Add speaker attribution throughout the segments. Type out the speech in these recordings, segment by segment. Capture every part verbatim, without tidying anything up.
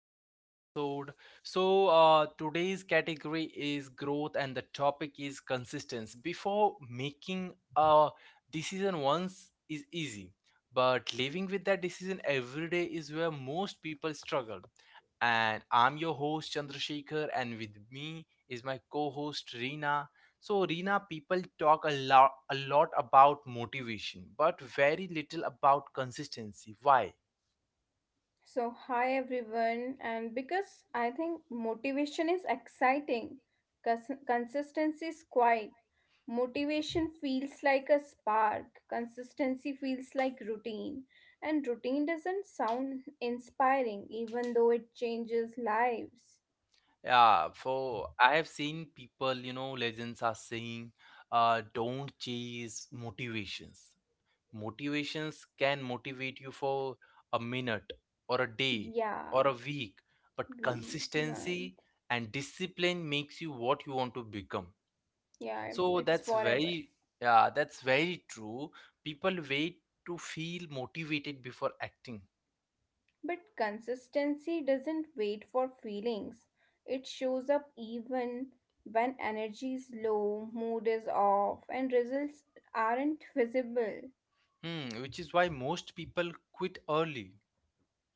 Speaker 1: another episode. So, uh, today's category is growth and the topic is consistency. Before making a decision once is easy, but living with that decision every day is where most people struggle. And I'm your host Chandrasekhar, and with me is my co host Reena. So, Reena, people talk a lot, a lot about motivation, but very little about consistency. Why?
Speaker 2: So, hi everyone, and because I think motivation is exciting, cons- consistency is quiet. Motivation feels like a spark, consistency feels like routine, and routine doesn't sound inspiring even though it changes lives.
Speaker 1: Yeah, for I have seen people, you know, legends are saying, uh, don't chase motivations. Motivations can motivate you for a minute or a day
Speaker 2: Yeah,
Speaker 1: or a week, but
Speaker 2: week, month,
Speaker 1: consistency and discipline makes you what you want to become.
Speaker 2: yeah,
Speaker 1: So
Speaker 2: it's
Speaker 1: that's
Speaker 2: forever.
Speaker 1: very, yeah, that's very true. People wait to feel motivated before acting.
Speaker 2: But consistency doesn't wait for feelings. It shows up even when energy is low, mood is off, and results aren't visible.
Speaker 1: Hmm, which is why most people quit early.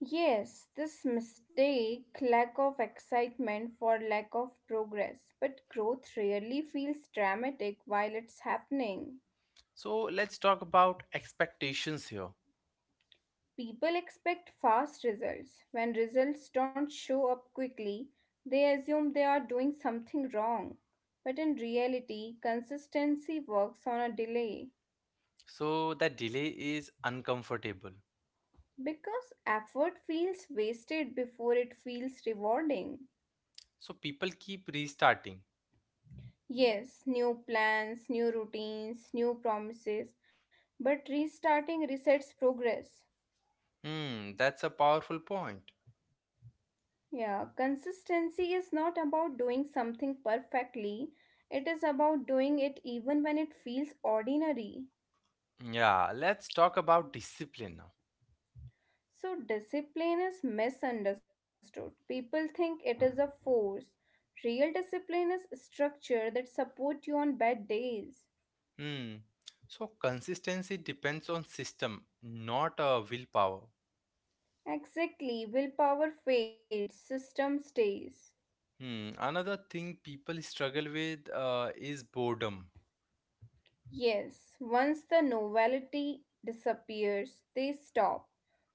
Speaker 2: Yes, this mistake lack of excitement for lack of progress, but growth rarely feels dramatic while it's happening.
Speaker 1: So let's talk about expectations here.
Speaker 2: People expect fast results. When results don't show up quickly, they assume they are doing something wrong. But in reality, consistency works on a delay
Speaker 1: So that delay is uncomfortable.
Speaker 2: because effort feels wasted before it feels rewarding.
Speaker 1: So people keep restarting.
Speaker 2: Yes, new plans, new routines, new promises, but restarting resets progress.
Speaker 1: Hmm, that's a powerful point.
Speaker 2: Yeah, consistency is not about doing something perfectly, it is about doing it even when it feels ordinary.
Speaker 1: Yeah, let's talk about discipline now.
Speaker 2: So, discipline is misunderstood. People think it is a force. Real discipline is structure that supports you on bad days.
Speaker 1: Hmm. So consistency depends on system, not uh, willpower.
Speaker 2: Exactly, willpower fades, system stays.
Speaker 1: Hmm. Another thing people struggle with uh, is boredom.
Speaker 2: Yes, once the novelty disappears, they stop.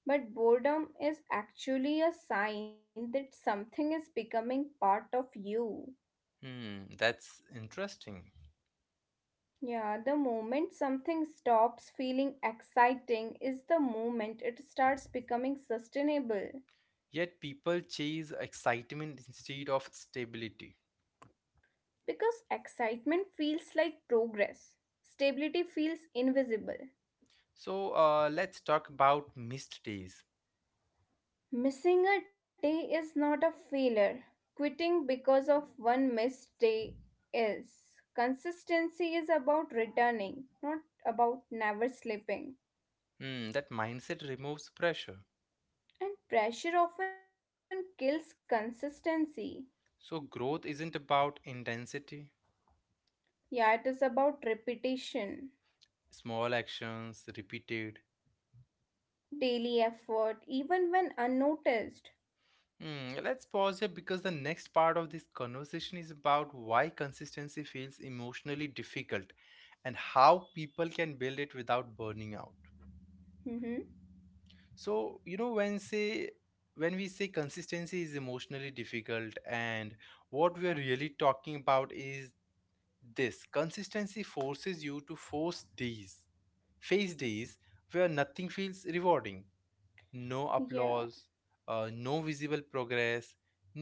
Speaker 2: But boredom is actually a sign that something is becoming part of you.
Speaker 1: Hmm. That's interesting.
Speaker 2: Yeah, the moment something stops feeling exciting is the moment it starts becoming sustainable.
Speaker 1: Yet people chase excitement instead of stability.
Speaker 2: Because excitement feels like progress, stability feels invisible.
Speaker 1: So uh, let's talk about missed days.
Speaker 2: Missing a day is not a failure. Quitting because of one missed day is. Consistency is about returning, not about never slipping.
Speaker 1: Hmm, that mindset removes pressure.
Speaker 2: And pressure often kills consistency.
Speaker 1: So growth isn't about intensity,
Speaker 2: Yeah, it is about repetition,
Speaker 1: small actions repeated.
Speaker 2: daily effort, even when unnoticed.
Speaker 1: Hmm, let's pause here because the next part of this conversation is about why consistency feels emotionally difficult and how people can build it without burning out.
Speaker 2: Mm-hmm.
Speaker 1: So, you know, when say when we say consistency is emotionally difficult, and what we are really talking about is this: consistency forces you to force days, face days where nothing feels rewarding. No
Speaker 2: Yeah.
Speaker 1: applause, uh, no visible progress,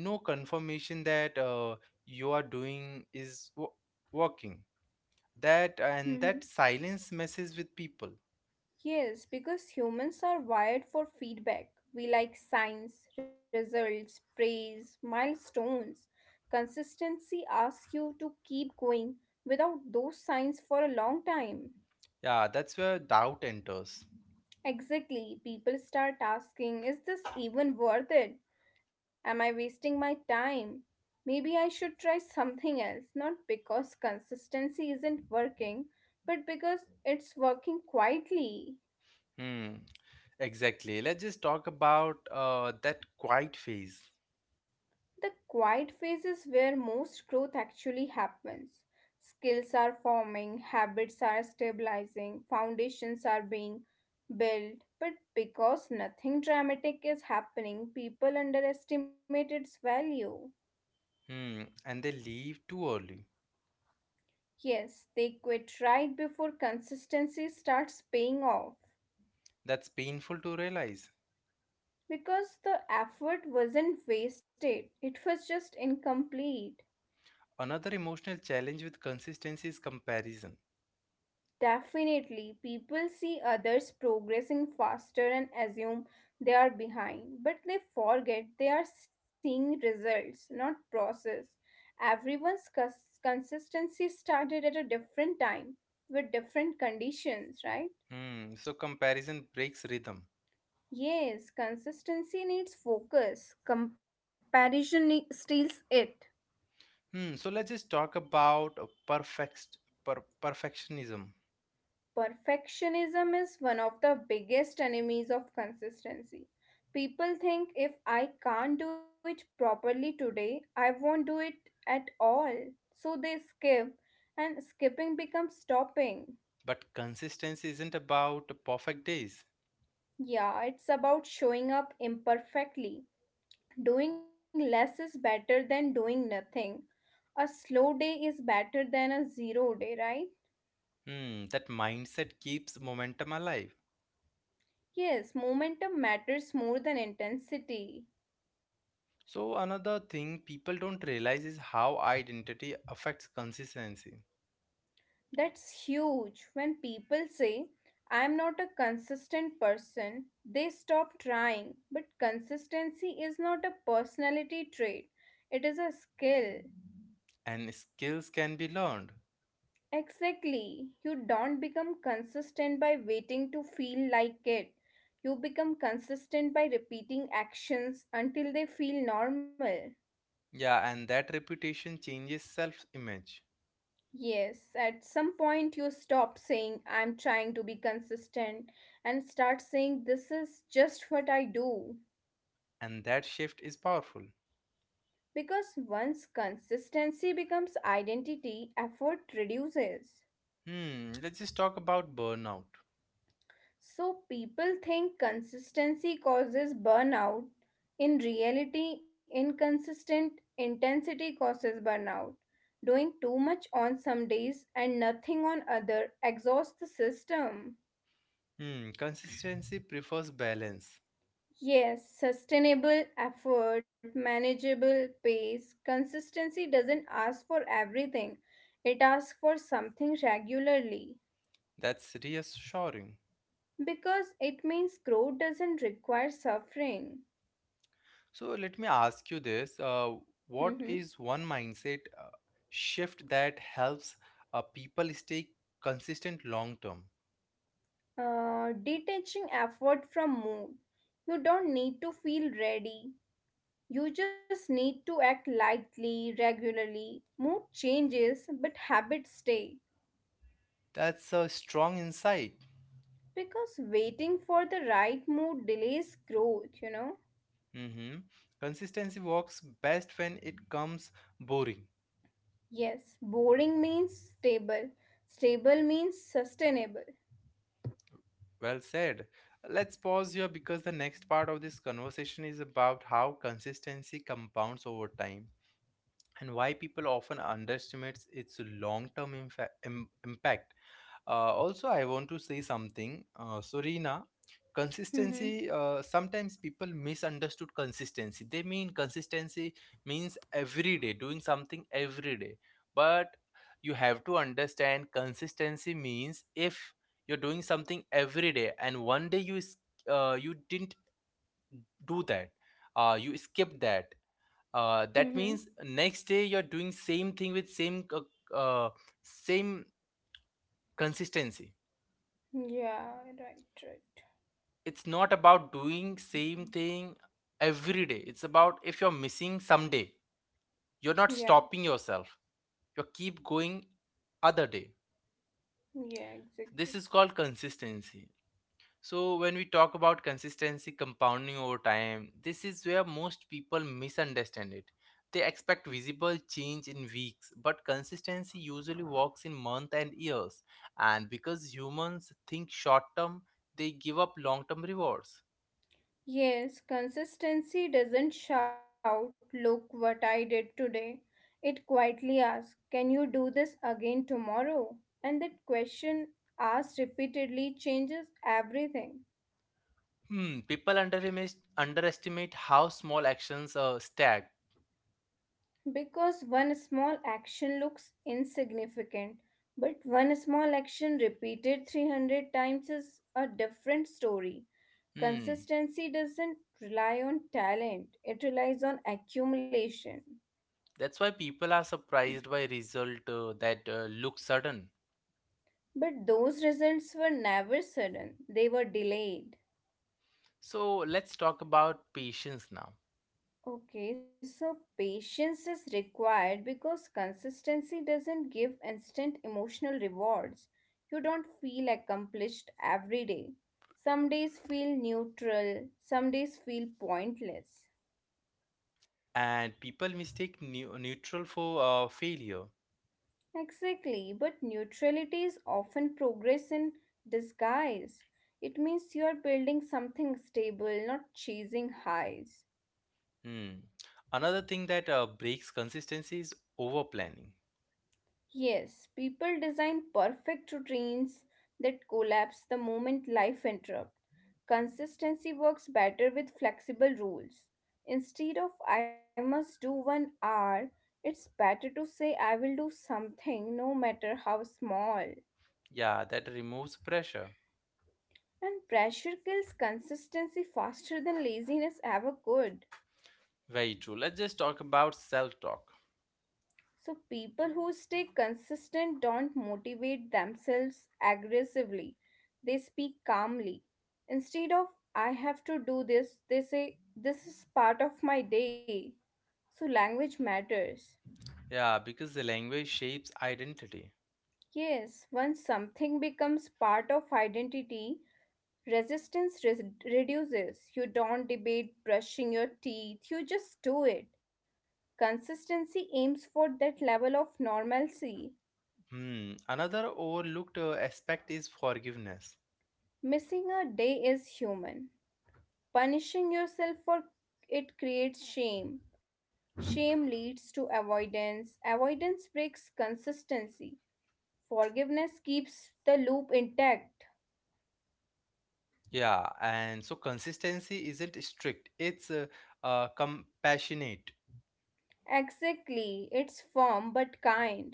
Speaker 1: no confirmation that uh, you are doing is wo- working. That and
Speaker 2: Mm-hmm.
Speaker 1: that silence messes with people.
Speaker 2: Yes, because humans are wired for feedback. We like signs, results, praise, milestones. Consistency asks you to keep going without those signs for a long time.
Speaker 1: Yeah, that's where doubt enters.
Speaker 2: Exactly, people start asking, is this even worth it? Am I wasting my time? Maybe I should try something else, not because consistency isn't working, but because it's working quietly.
Speaker 1: Hmm. Exactly. Let's just talk about uh, that quiet phase.
Speaker 2: The quiet phase is where most growth actually happens. Skills are forming, habits are stabilizing, foundations are being built. But because nothing dramatic is happening, people underestimate its value.
Speaker 1: Hmm. And they leave too early.
Speaker 2: Yes, they quit right before consistency starts paying off.
Speaker 1: That's painful to realize.
Speaker 2: Because the effort wasn't wasted, it was just incomplete.
Speaker 1: Another emotional challenge with consistency is comparison.
Speaker 2: Definitely, people see others progressing faster and assume they are behind, but they forget they are seeing results, not process. Everyone's cons- consistency started at a different time with different conditions, right?
Speaker 1: Hmm, so comparison breaks rhythm.
Speaker 2: Yes, consistency needs focus, comparison ne- steals it.
Speaker 1: Hmm, so let's just talk about perfect per- perfectionism.
Speaker 2: Perfectionism is one of the biggest enemies of consistency. People think if I can't do it properly today, I won't do it at all. So they skip, and skipping becomes stopping.
Speaker 1: But consistency isn't about perfect days.
Speaker 2: Yeah, it's about showing up imperfectly. Doing less is better than doing nothing. A slow day is better than a zero day, right?
Speaker 1: Hmm, that mindset keeps momentum alive.
Speaker 2: Yes, momentum matters more than intensity.
Speaker 1: So another thing people don't realize is how identity affects consistency.
Speaker 2: That's huge. When people say, I'm not a consistent person, they stop trying. But consistency is not a personality trait, it is a skill.
Speaker 1: And skills can be learned.
Speaker 2: Exactly. You don't become consistent by waiting to feel like it. You become consistent by repeating actions until they feel normal.
Speaker 1: Yeah, and that reputation changes self-image.
Speaker 2: Yes, at some point you stop saying, I'm trying to be consistent, and start saying, this is just what I do.
Speaker 1: And that shift is powerful.
Speaker 2: Because once consistency becomes identity, effort reduces.
Speaker 1: Hmm, let's just talk about burnout.
Speaker 2: So people think consistency causes burnout. In reality, inconsistent intensity causes burnout. Doing too much on some days and nothing on other exhausts the system.
Speaker 1: Hmm, consistency prefers balance.
Speaker 2: Yes, sustainable effort, manageable pace, consistency doesn't ask for everything. It asks for something regularly
Speaker 1: That's reassuring.
Speaker 2: because it means growth doesn't require suffering.
Speaker 1: So let me ask you this: uh,
Speaker 2: Mhm.
Speaker 1: what is one mindset uh, shift that helps uh, people stay consistent long term?
Speaker 2: Uh, detaching effort from mood. You don't need to feel ready. You just need to act lightly, regularly. Mood changes, but habits stay.
Speaker 1: That's a strong insight.
Speaker 2: Because waiting for the right mood delays growth, you know.
Speaker 1: Hmm. Consistency works best when it comes boring.
Speaker 2: Yes, boring means stable. Stable means sustainable.
Speaker 1: Well said. Let's pause here because the next part of this conversation is about how consistency compounds over time and why people often underestimates its long-term infa- im- impact. Uh, also, I want to say something, uh, Surina.
Speaker 2: Mm-hmm.
Speaker 1: Consistency. Uh, sometimes people misunderstood consistency. They mean consistency means every day doing something every day, but you have to understand consistency means if you're doing something every day and one day you s- uh, you didn't do that, uh, you skipped that, uh,
Speaker 2: Mm-hmm.
Speaker 1: that means next day you're doing same thing with same co- uh, same consistency.
Speaker 2: Yeah, right, right.
Speaker 1: It's not about doing same thing every day, it's about if you're missing some day, you're not
Speaker 2: Yeah,
Speaker 1: stopping yourself, you keep going other day.
Speaker 2: yeah,
Speaker 1: This
Speaker 2: exactly.
Speaker 1: is called consistency. So, when we talk about consistency compounding over time, this is where most people misunderstand it. They expect visible change in weeks, but consistency usually works in months and years. And because humans think short term, they give up long term rewards.
Speaker 2: Yes, consistency doesn't shout, look what I did today. It quietly asks, can you do this again tomorrow? And that question asked repeatedly changes everything.
Speaker 1: Hmm, people underestimate, underestimate how small actions are stacked.
Speaker 2: Because one small action looks insignificant, but one small action repeated three hundred times is a different story.
Speaker 1: Hmm,
Speaker 2: Consistency doesn't rely on talent, it relies on accumulation.
Speaker 1: that's why people are surprised by result uh, that uh, look sudden.
Speaker 2: But those results were never sudden, they were delayed.
Speaker 1: So let's talk about patience now.
Speaker 2: Okay, so patience is required because consistency doesn't give instant emotional rewards. You don't feel accomplished every day. Some days feel neutral, some days feel pointless.
Speaker 1: And people mistake neu- neutral for uh, failure.
Speaker 2: Exactly, but neutrality is often progress in disguise. It means you are building something stable, not chasing highs.
Speaker 1: Hmm. Another thing that uh, breaks consistency is over planning.
Speaker 2: Yes, people design perfect routines that collapse the moment life interrupts. Consistency works better with flexible rules. Instead of I must do one hour, it's better to say I will do something no matter how small.
Speaker 1: Yeah, that removes pressure.
Speaker 2: And pressure kills consistency faster than laziness ever could.
Speaker 1: Very true. Let's just talk about self talk.
Speaker 2: So, people who stay consistent don't motivate themselves aggressively, they speak calmly. Instead of, I have to do this, they say, this is part of my day. So, language matters.
Speaker 1: Yeah, because the language shapes identity.
Speaker 2: Yes, once something becomes part of identity, resistance res- reduces. You don't debate brushing your teeth, you just do it. Consistency aims for that level of normalcy.
Speaker 1: Hmm. Another overlooked uh, aspect is forgiveness.
Speaker 2: Missing a day is human. Punishing yourself for it creates shame. Shame leads to avoidance. Avoidance breaks consistency. Forgiveness keeps the loop intact.
Speaker 1: Yeah, and so consistency isn't strict, it's uh, uh, compassionate.
Speaker 2: Exactly, it's firm but kind.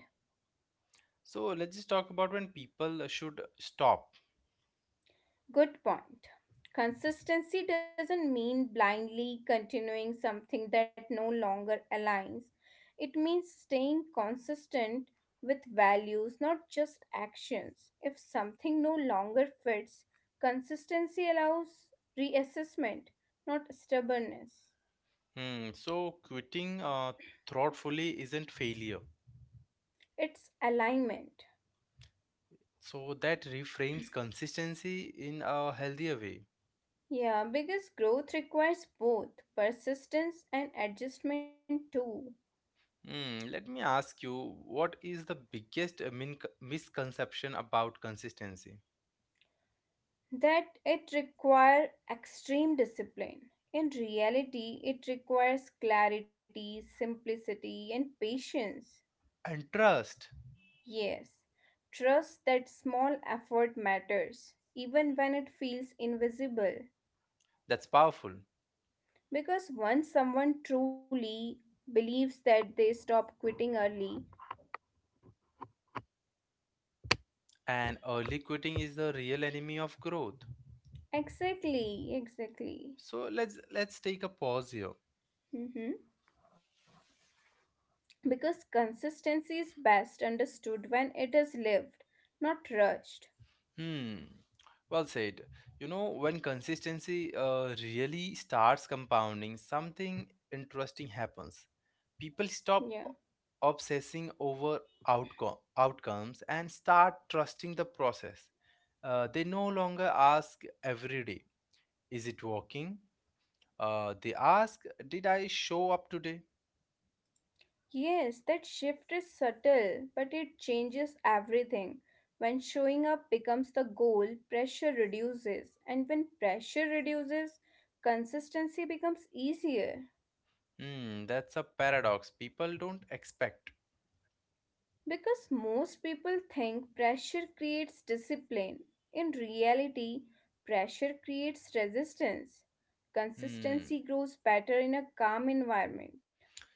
Speaker 1: So let's just talk about when people should stop.
Speaker 2: Good point. Consistency doesn't mean blindly continuing something that no longer aligns. It means staying consistent with values, not just actions. If something no longer fits, consistency allows reassessment, not stubbornness.
Speaker 1: Hmm, so quitting uh, thoughtfully isn't failure.
Speaker 2: It's alignment.
Speaker 1: So that reframes consistency in a healthier way.
Speaker 2: Yeah, because growth requires both persistence and adjustment too.
Speaker 1: Hmm, let me ask you, what is the biggest uh, min- misconception about consistency?
Speaker 2: That it requires extreme discipline. In reality, it requires clarity, simplicity, and patience.
Speaker 1: And trust,
Speaker 2: Yes, trust that small effort matters, even when it feels invisible.
Speaker 1: that's powerful.
Speaker 2: Because once someone truly believes that they stop quitting early,
Speaker 1: And early quitting is the real enemy of growth.
Speaker 2: exactly, exactly.
Speaker 1: So let's let's take a pause here.
Speaker 2: Hmm. Because consistency is best understood when it is lived, not rushed.
Speaker 1: Hmm. Well said. You know, when consistency uh, really starts compounding, something interesting happens. People stop
Speaker 2: Yeah.
Speaker 1: obsessing over outcome, outcomes and start trusting the process. Uh, they no longer ask every day, is it working? Uh, they ask, did I show up today?
Speaker 2: Yes, that shift is subtle, but it changes everything. When showing up becomes the goal, pressure reduces, and when pressure reduces, consistency becomes easier.
Speaker 1: Hmm, that's a paradox people don't expect.
Speaker 2: Because most people think pressure creates discipline. In reality, pressure creates resistance.
Speaker 1: Hmm.
Speaker 2: Consistency grows better in a calm environment.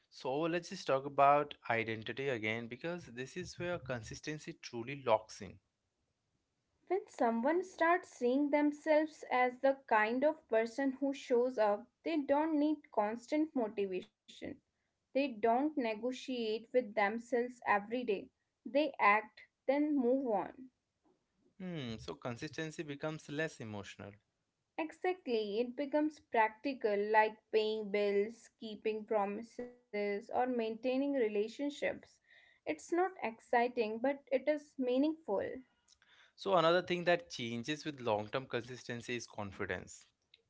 Speaker 1: So let's just talk about identity again because this is where consistency truly locks in.
Speaker 2: When someone starts seeing themselves as the kind of person who shows up, they don't need constant motivation. They don't negotiate with themselves every day. They act, then move on.
Speaker 1: Hmm, so consistency becomes less emotional.
Speaker 2: Exactly, it becomes practical like paying bills, keeping promises, or maintaining relationships. It's not exciting, but it is meaningful.
Speaker 1: So another thing that changes with long-term consistency is confidence.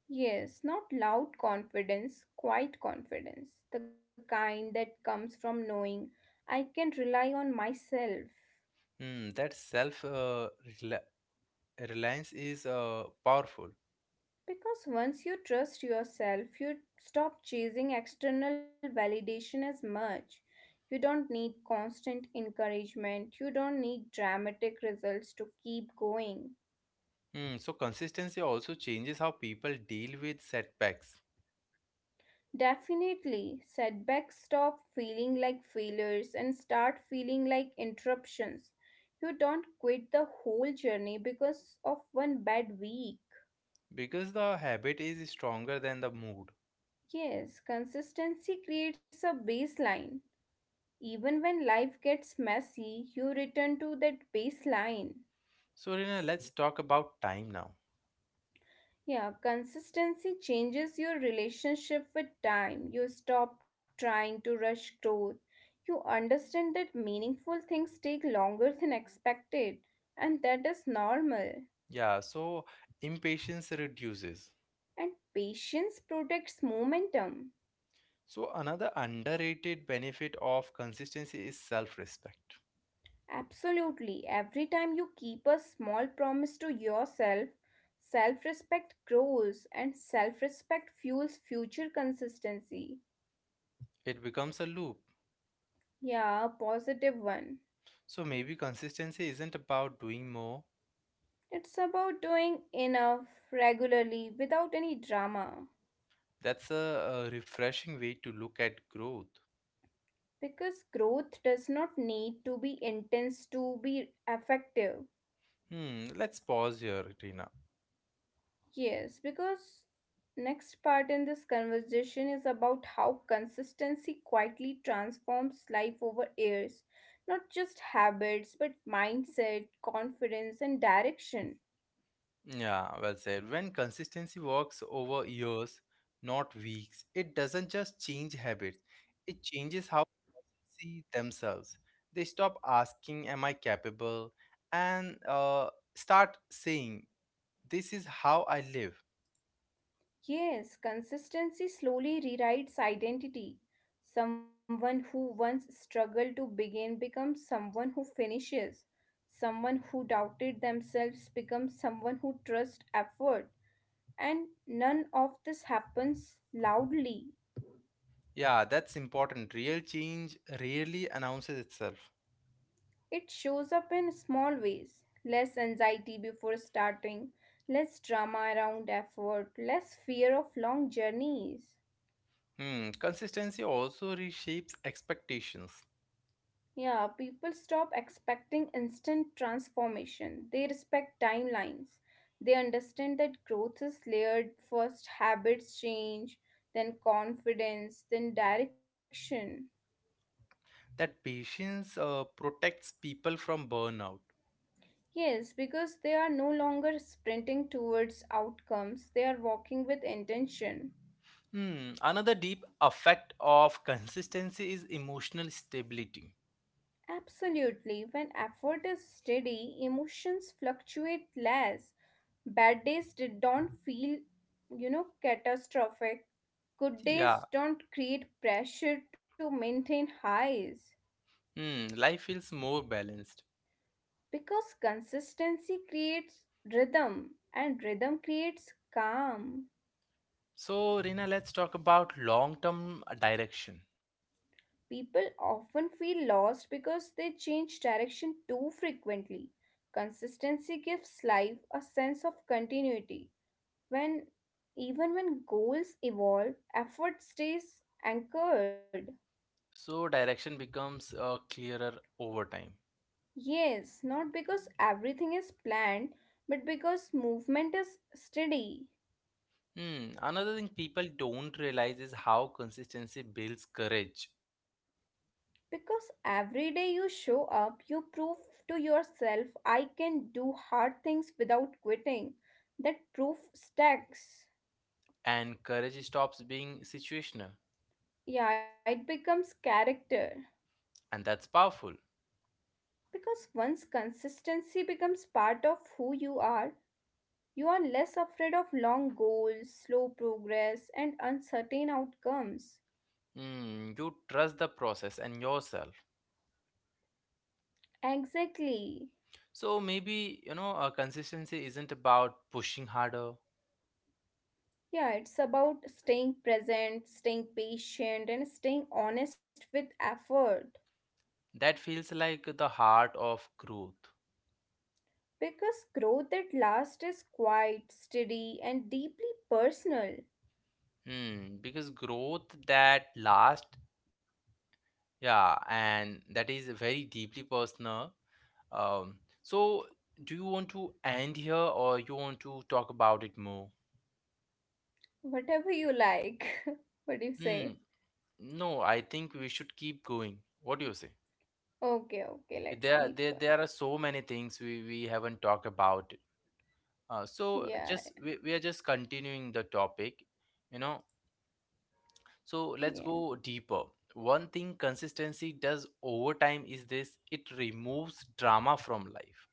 Speaker 2: Yes, not loud confidence, quiet confidence, the kind that comes from knowing I can rely on myself.
Speaker 1: Hmm, that self uh, rela- reliance is uh, powerful.
Speaker 2: Because once you trust yourself, you stop chasing external validation as much. You don't need constant encouragement, you don't need dramatic results to keep going.
Speaker 1: Hmm, so consistency also changes how people deal with setbacks,
Speaker 2: Definitely, setbacks stop feeling like failures and start feeling like interruptions. You don't quit the whole journey because of one bad week.
Speaker 1: because the habit is stronger than the mood.
Speaker 2: Yes, consistency creates a baseline. Even when life gets messy, you return to that baseline.
Speaker 1: So Rina, let's talk about time now.
Speaker 2: Yeah, consistency changes your relationship with time. You stop trying to rush growth. You understand that meaningful things take longer than expected, and that is normal.
Speaker 1: Yeah, so impatience reduces.
Speaker 2: And patience protects momentum.
Speaker 1: So, another underrated benefit of consistency is self respect.
Speaker 2: Absolutely. Every time you keep a small promise to yourself, self respect grows, and self respect fuels future consistency.
Speaker 1: It becomes a loop.
Speaker 2: Yeah, a positive one.
Speaker 1: So, maybe consistency isn't about doing more.
Speaker 2: It's about doing enough regularly without any drama
Speaker 1: That's a, a refreshing way to look at growth.
Speaker 2: because growth does not need to be intense to be effective.
Speaker 1: Hmm, let's pause here, Tina.
Speaker 2: Yes, because next part in this conversation is about how consistency quietly transforms life over years, not just habits but mindset, confidence and direction.
Speaker 1: Yeah, well said. When consistency works over years, not weeks, it doesn't just change habits, it changes how people see themselves. They stop asking, "Am I capable?" and uh, start saying, "This is how I live."
Speaker 2: Yes, consistency slowly rewrites identity. Someone who once struggled to begin becomes someone who finishes. Someone who doubted themselves becomes someone who trusts effort. And none of this happens loudly.
Speaker 1: Yeah, that's important. Real change rarely announces itself.
Speaker 2: It shows up in small ways less anxiety before starting, less drama around effort, less fear of long journeys.
Speaker 1: Hmm. Consistency also reshapes expectations.
Speaker 2: Yeah, people stop expecting instant transformation. They respect timelines. They understand that growth is layered. First, habits change, then, confidence, then, direction.
Speaker 1: That patience uh, protects people from burnout.
Speaker 2: Yes, because they are no longer sprinting towards outcomes, they are walking with intention.
Speaker 1: Hmm. Another deep effect of consistency is emotional stability.
Speaker 2: Absolutely. When effort is steady, emotions fluctuate less. Bad days did- don't feel, you know, catastrophic. Good
Speaker 1: Yeah.
Speaker 2: days don't create pressure to maintain highs
Speaker 1: Hmm. Life feels more balanced.
Speaker 2: because consistency creates rhythm and rhythm creates calm.
Speaker 1: So, Rina, let's talk about long-term direction.
Speaker 2: People often feel lost because they change direction too frequently. Consistency gives life a sense of continuity when even when goals evolve, effort stays anchored.
Speaker 1: So, direction becomes uh, clearer over time.
Speaker 2: Yes, not because everything is planned, but because movement is steady.
Speaker 1: Hmm. Another thing people don't realize is how consistency builds courage,
Speaker 2: Because every day you show up, you prove to yourself, I can do hard things without quitting. That proof stacks.
Speaker 1: and courage stops being situational,
Speaker 2: Yeah, it becomes character.
Speaker 1: and that's powerful.
Speaker 2: Because once consistency becomes part of who you are, you are less afraid of long goals, slow progress, and uncertain outcomes.
Speaker 1: Hmm. You trust the process and yourself.
Speaker 2: Exactly.
Speaker 1: So maybe you know, uh, consistency isn't about pushing harder.
Speaker 2: Yeah, it's about staying present, staying patient, and staying honest with effort.
Speaker 1: That feels like the heart of growth.
Speaker 2: Because growth that lasts is quiet, steady, and deeply personal.
Speaker 1: Hmm. Because growth that lasts, yeah, and that is very deeply personal. Um. So, do you want to end here, or you want to talk about it more?
Speaker 2: Whatever you like. What do you
Speaker 1: Hmm.
Speaker 2: say?
Speaker 1: no, I think we should keep going. What do you say?
Speaker 2: Okay, okay, let's
Speaker 1: There,
Speaker 2: keep
Speaker 1: there,
Speaker 2: going.
Speaker 1: there are so many things we, we haven't talked about. Uh, so
Speaker 2: Yeah,
Speaker 1: just we, we are just continuing the topic, you know. So let's
Speaker 2: yeah.
Speaker 1: go deeper. One thing consistency does over time is this: it removes drama from life,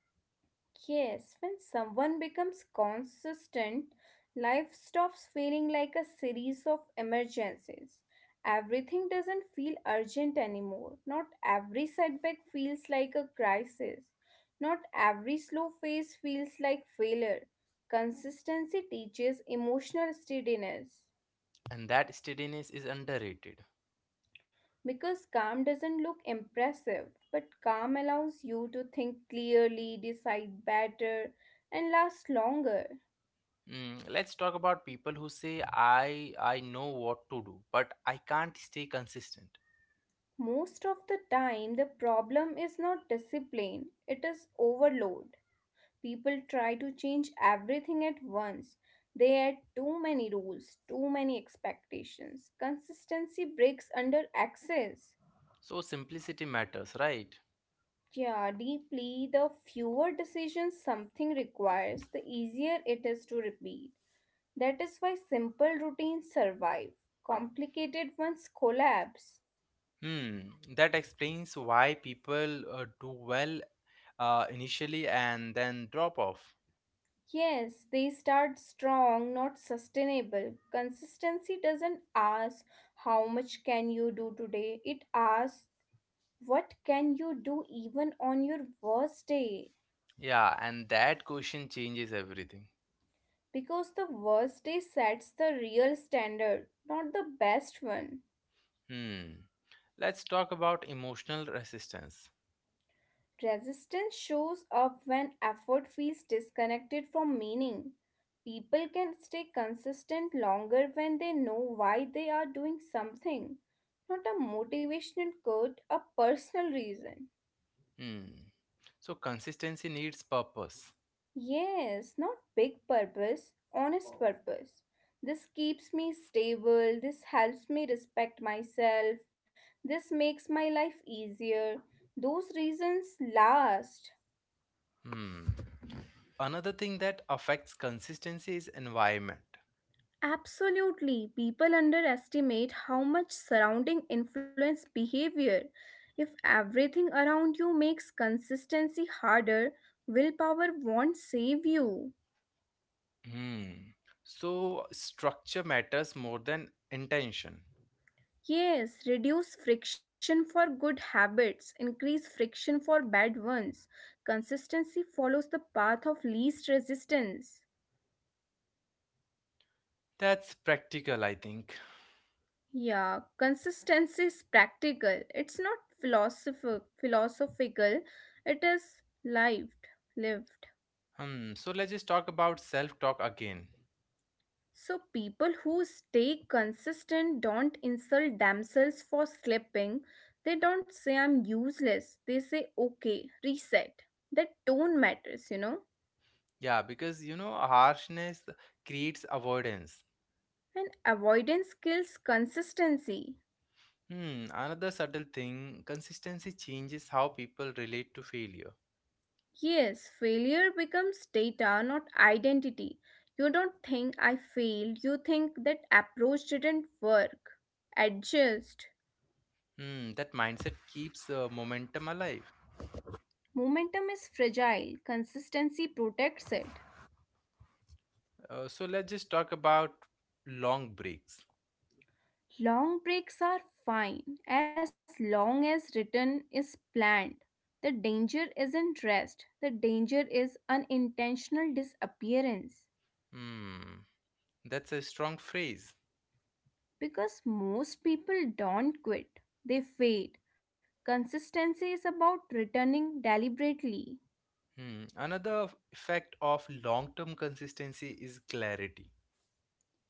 Speaker 2: Yes, when someone becomes consistent, life stops feeling like a series of emergencies. Everything doesn't feel urgent anymore. Not every setback feels like a crisis. Not every slow phase feels like failure. Consistency teaches emotional steadiness
Speaker 1: and that steadiness is underrated.
Speaker 2: because calm doesn't look impressive, but calm allows you to think clearly, decide better, and last longer.
Speaker 1: Mm, let's talk about people who say, "I, I know what to do, but I can't stay consistent."
Speaker 2: Most of the time, the problem is not discipline, it is overload. People try to change everything at once. They add too many rules, too many expectations. Consistency breaks under access.
Speaker 1: So simplicity matters, right?
Speaker 2: Yeah, deeply, the fewer decisions something requires, the easier it is to repeat. That is why simple routines survive, complicated ones collapse.
Speaker 1: Hmm, that explains why people uh, do well uh, initially and then drop off.
Speaker 2: Yes, they start strong, not sustainable. Consistency doesn't ask how much can you do today. It asks what can you do even on your worst day?
Speaker 1: Yeah, and that question changes everything.
Speaker 2: Because the worst day sets the real standard, not the best one.
Speaker 1: Hmm. Let's talk about emotional resistance.
Speaker 2: Resistance shows up when effort feels disconnected from meaning. People can stay consistent longer when they know why they are doing something, not a motivational quote, a personal reason.
Speaker 1: Hmm. So consistency needs purpose.
Speaker 2: Yes, not big purpose, honest purpose. This keeps me stable, this helps me respect myself, this makes my life easier. Those reasons last.
Speaker 1: Hmm. Another thing that affects consistency is environment.
Speaker 2: Absolutely, people underestimate how much surrounding influence behavior. If everything around you makes consistency harder, willpower won't save you.
Speaker 1: Hmm. So structure matters more than intention.
Speaker 2: Yes, reduce friction for good habits, increase friction for bad ones. Consistency follows the path of least resistance.
Speaker 1: That's practical, I think.
Speaker 2: Yeah, consistency is practical. It's not philosoph- philosophical. It is lived, lived.
Speaker 1: Hmm. So let's just talk about self-talk again.
Speaker 2: So, people who stay consistent don't insult themselves for slipping. They don't say, I'm useless. They say, okay, reset. That tone matters, you know.
Speaker 1: Yeah, because you know, harshness creates avoidance.
Speaker 2: And avoidance kills consistency.
Speaker 1: Hmm, another subtle thing consistency changes how people relate to failure.
Speaker 2: Yes, failure becomes data, not identity. You don't think I failed, you think that approach didn't work. Adjust.
Speaker 1: Hmm, that mindset keeps uh, momentum alive.
Speaker 2: Momentum is fragile, consistency protects it.
Speaker 1: Uh, so let's just talk about long breaks.
Speaker 2: Long breaks are fine as long as return is planned. The danger isn't rest, the danger is unintentional disappearance.
Speaker 1: Hmm, that's a strong phrase.
Speaker 2: Because most people don't quit, they fade. Consistency is about returning deliberately.
Speaker 1: Hmm, another f- effect of long term consistency is clarity,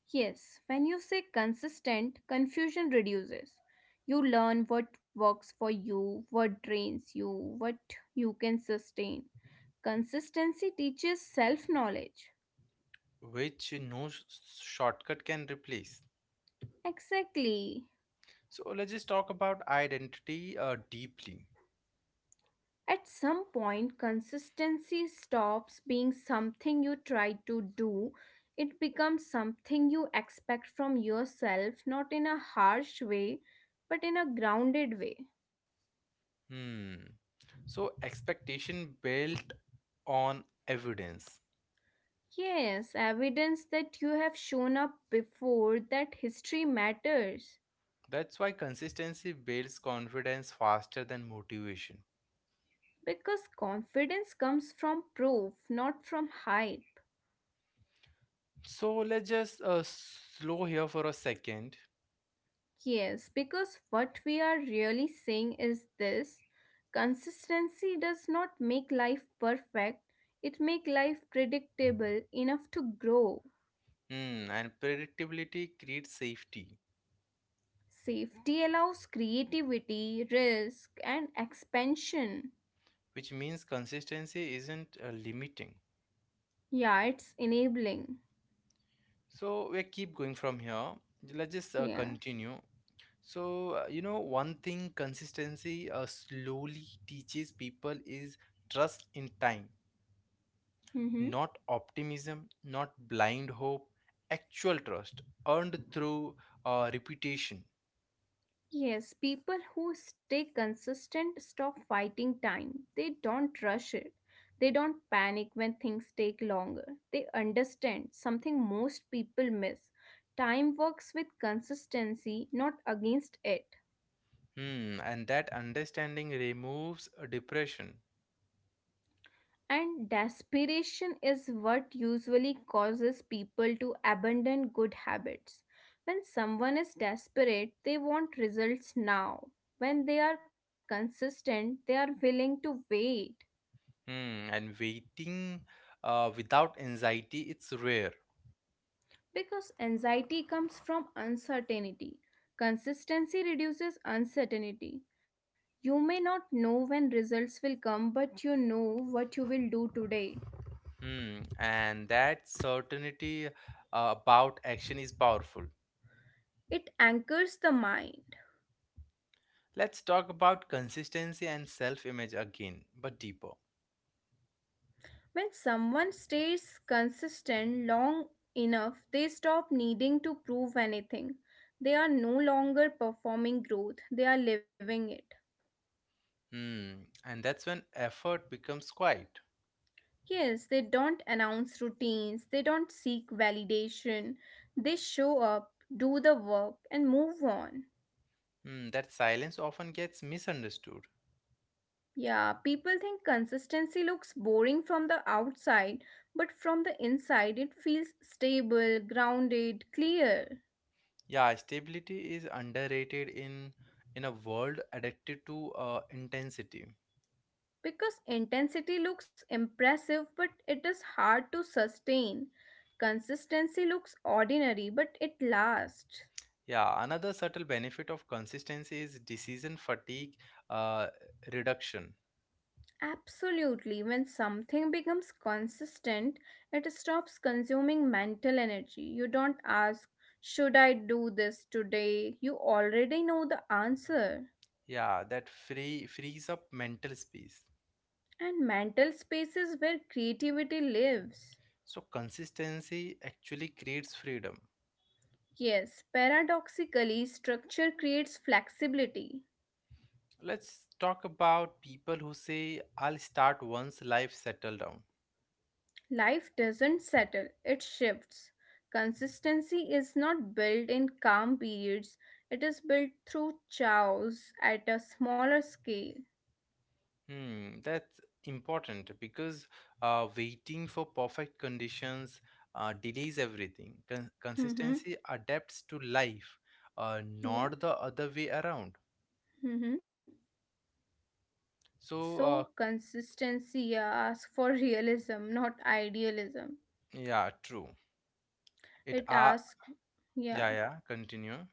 Speaker 2: Yes, when you say consistent, confusion reduces. You learn what works for you, what drains you, what you can sustain. Consistency teaches self knowledge.
Speaker 1: which no sh- shortcut can replace.
Speaker 2: Exactly.
Speaker 1: So let's just talk about identity uh, deeply.
Speaker 2: At some point, consistency stops being something you try to do. It becomes something you expect from yourself, not in a harsh way, but in a grounded way.
Speaker 1: Hmm. So expectation built on evidence.
Speaker 2: Yes, evidence that you have shown up before that history matters.
Speaker 1: That's why consistency builds confidence faster than motivation.
Speaker 2: Because confidence comes from proof, not from hype.
Speaker 1: So let's just uh, slow here for a second.
Speaker 2: Yes, because what we are really saying is this consistency does not make life perfect, it makes life predictable enough to grow.
Speaker 1: Hmm. And predictability creates safety,
Speaker 2: Safety allows creativity, risk, and expansion.
Speaker 1: which means consistency isn't uh, limiting.
Speaker 2: Yeah, it's enabling.
Speaker 1: So we keep going from here. Let's just uh,
Speaker 2: Yeah.
Speaker 1: continue. So, uh, you know, one thing consistency uh, slowly teaches people is trust in time,
Speaker 2: Mm-hmm.
Speaker 1: not optimism, not blind hope, actual trust earned through uh, reputation.
Speaker 2: Yes, people who stay consistent stop fighting time. They don't rush it. They don't panic when things take longer. They understand something most people miss. Time works with consistency, not against it.
Speaker 1: Hmm, and that understanding removes uh, depression.
Speaker 2: And desperation is what usually causes people to abandon good habits. When someone is desperate, they want results now. When they are consistent, they are willing to wait.
Speaker 1: Hmm, and waiting uh, without anxiety, it's rare.
Speaker 2: Because anxiety comes from uncertainty. Consistency reduces uncertainty. You may not know when results will come, but you know what you will do today.
Speaker 1: Hmm, and that certainty uh, about action is powerful.
Speaker 2: It anchors the mind.
Speaker 1: Let's talk about consistency and self image again, but deeper.
Speaker 2: When someone stays consistent long enough, they stop needing to prove anything. They are no longer performing growth, they are living it.
Speaker 1: Hmm. And that's when effort becomes quiet.
Speaker 2: Yes, they don't announce routines, they don't seek validation. They show up, do the work, and move on.
Speaker 1: Hmm. That silence often gets misunderstood.
Speaker 2: Yeah, people think consistency looks boring from the outside, but from the inside, it feels stable, grounded, clear.
Speaker 1: Yeah, stability is underrated in in a world addicted to uh, intensity.
Speaker 2: Because intensity looks impressive, but it is hard to sustain. Consistency looks ordinary, but it lasts.
Speaker 1: Yeah, another subtle benefit of consistency is decision fatigue uh, reduction.
Speaker 2: Absolutely. When something becomes consistent, it stops consuming mental energy. You don't ask, should I do this today? You already know the answer.
Speaker 1: Yeah, that free frees up mental space.
Speaker 2: And mental space is where creativity lives.
Speaker 1: So consistency actually creates freedom.
Speaker 2: Yes, paradoxically, structure creates flexibility.
Speaker 1: Let's talk about people who say, I'll start once life settle down.
Speaker 2: Life doesn't settle, it shifts. Consistency is not built in calm periods, it is built through chaos at a smaller scale.
Speaker 1: Hmm, that's important because uh, waiting for perfect conditions uh, delays everything. Con-
Speaker 2: Mm-hmm.
Speaker 1: consistency adapts to life, uh, not
Speaker 2: Yeah.
Speaker 1: the other way around.
Speaker 2: Mm-hmm.
Speaker 1: So,
Speaker 2: So
Speaker 1: uh,
Speaker 2: consistency, yeah, asks for realism, not idealism.
Speaker 1: yeah, true. It
Speaker 2: It
Speaker 1: are,
Speaker 2: asks,
Speaker 1: yeah,
Speaker 2: yeah,
Speaker 1: yeah, continue.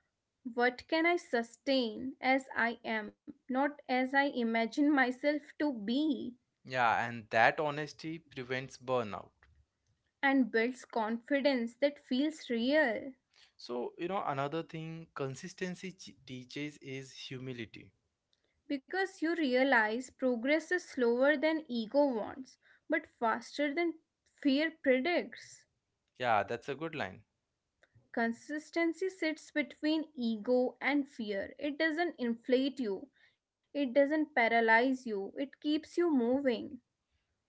Speaker 2: what can I sustain as I am, not as I imagine myself to be,
Speaker 1: Yeah, and that honesty prevents burnout.
Speaker 2: and builds confidence that feels real.
Speaker 1: So, you know, another thing consistency ch- teaches is humility.
Speaker 2: Because you realize progress is slower than ego wants, but faster than fear predicts.
Speaker 1: Yeah, that's a good line.
Speaker 2: Consistency sits between ego and fear. It doesn't inflate you, it doesn't paralyze you, it keeps you moving.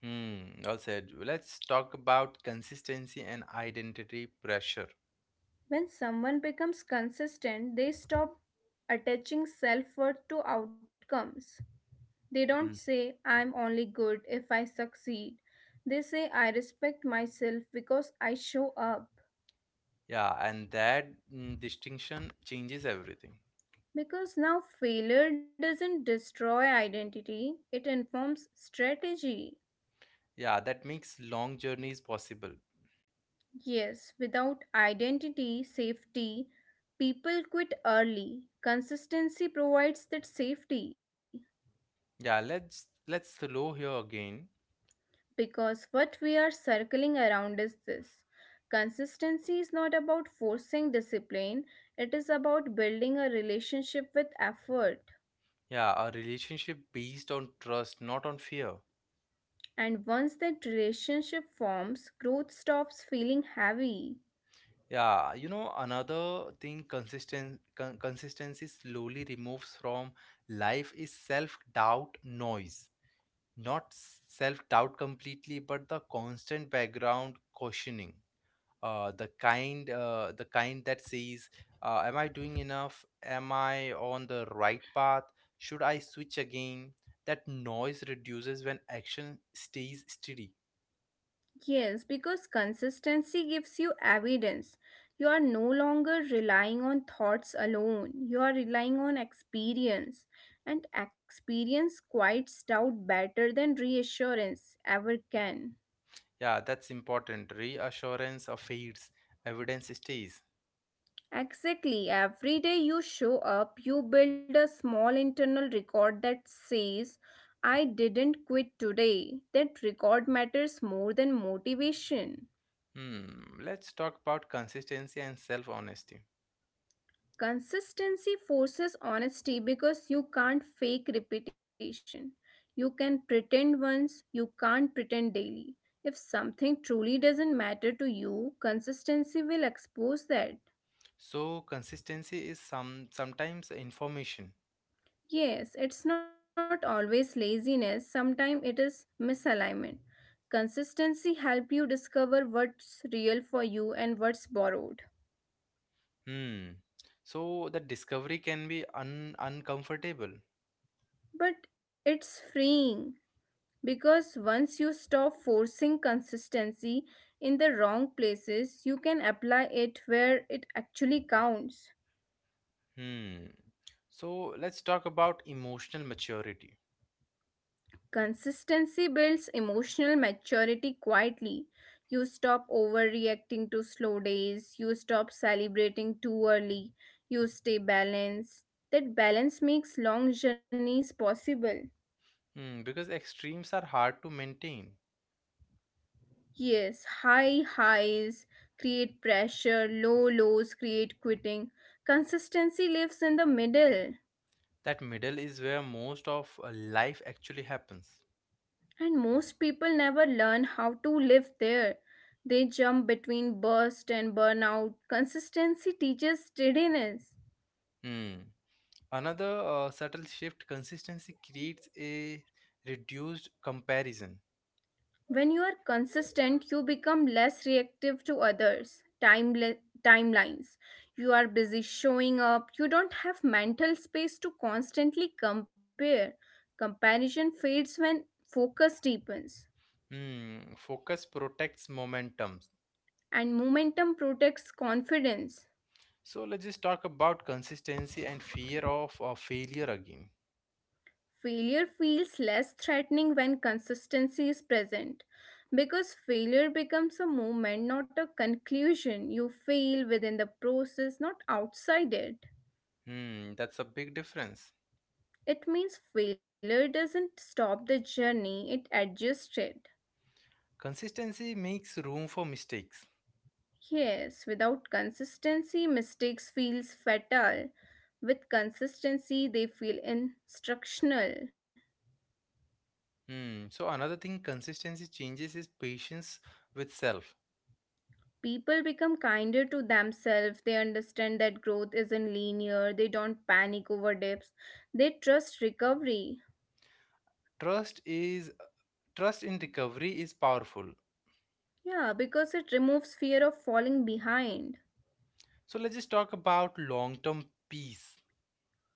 Speaker 1: Hmm, well said. Let's talk about consistency and identity pressure.
Speaker 2: When someone becomes consistent, they stop attaching self worth to outcomes. They don't
Speaker 1: Mm,
Speaker 2: say, I'm only good if I succeed. They say, I respect myself because I show up.
Speaker 1: yeah, and that mm, distinction changes everything.
Speaker 2: Because now failure doesn't destroy identity, it informs strategy.
Speaker 1: Yeah, that makes long journeys possible.
Speaker 2: Yes, without identity, safety, people quit early. Consistency provides that safety
Speaker 1: Yeah, let's let's slow here again.
Speaker 2: because what we are circling around is this. Consistency is not about forcing discipline, it is about building a relationship with effort.
Speaker 1: Yeah, a relationship based on trust, not on fear.
Speaker 2: And once that relationship forms, growth stops feeling heavy.
Speaker 1: Yeah, you know, another thing consistent con- consistency slowly removes from life is self-doubt noise. Not self doubt completely, but the constant background questioning, uh, the kind, uh, the kind that says, uh, "Am I doing enough? Am I on the right path? Should I switch again?" That noise reduces when action stays steady.
Speaker 2: Yes, because consistency gives you evidence. You are no longer relying on thoughts alone, you are relying on experience. And experience quiets doubt better than reassurance ever can.
Speaker 1: Yeah, that's important. Reassurance uh, fades, evidence stays.
Speaker 2: Exactly, every day you show up, you build a small internal record that says, I didn't quit today. That record matters more than motivation.
Speaker 1: Hmm. Let's talk about consistency and self honesty.
Speaker 2: Consistency forces honesty because you can't fake repetition. You can pretend once, you can't pretend daily. If something truly doesn't matter to you, consistency will expose that.
Speaker 1: So consistency is some sometimes information.
Speaker 2: Yes, it's not always laziness, sometimes it is misalignment. Consistency help you discover what's real for you and what's borrowed.
Speaker 1: Hmm. So that discovery can be un uncomfortable.
Speaker 2: But it's freeing, because once you stop forcing consistency in the wrong places, you can apply it where it actually counts.
Speaker 1: Hmm. So let's talk about emotional maturity.
Speaker 2: Consistency builds emotional maturity quietly. You stop overreacting to slow days, you stop celebrating too early, you stay balanced. That balance makes long journeys possible.
Speaker 1: Hmm. Because extremes are hard to maintain.
Speaker 2: Yes, high highs create pressure, low lows create quitting. Consistency lives in the middle,
Speaker 1: That middle is where most of uh, life actually happens.
Speaker 2: and most people never learn how to live there. They jump between burst and burnout. Consistency teaches steadiness.
Speaker 1: Hmm. Another uh, subtle shift consistency creates a reduced comparison.
Speaker 2: When you are consistent, you become less reactive to others, timele- timelines. You are busy showing up. You don't have mental space to constantly compare. Comparison fades when focus deepens,
Speaker 1: Hmm. Focus protects momentum.
Speaker 2: and momentum protects confidence.
Speaker 1: So let's just talk about consistency and fear of uh, failure again.
Speaker 2: Failure feels less threatening when consistency is present because failure becomes a moment, not a conclusion. You fail within the process, not outside it.
Speaker 1: Hmm, that's a big difference.
Speaker 2: It means failure doesn't stop the journey, it adjusts it.
Speaker 1: Consistency makes room for mistakes.
Speaker 2: Yes, without consistency, mistakes feels fatal. With consistency, they feel instructional.
Speaker 1: Hmm, so another thing consistency changes is patience with self.
Speaker 2: People become kinder to themselves. They understand that growth isn't linear. They don't panic over dips. They trust recovery.
Speaker 1: Trust is Trust in recovery is powerful.
Speaker 2: Yeah, because it removes fear of falling behind.
Speaker 1: So let's just talk about long-term peace.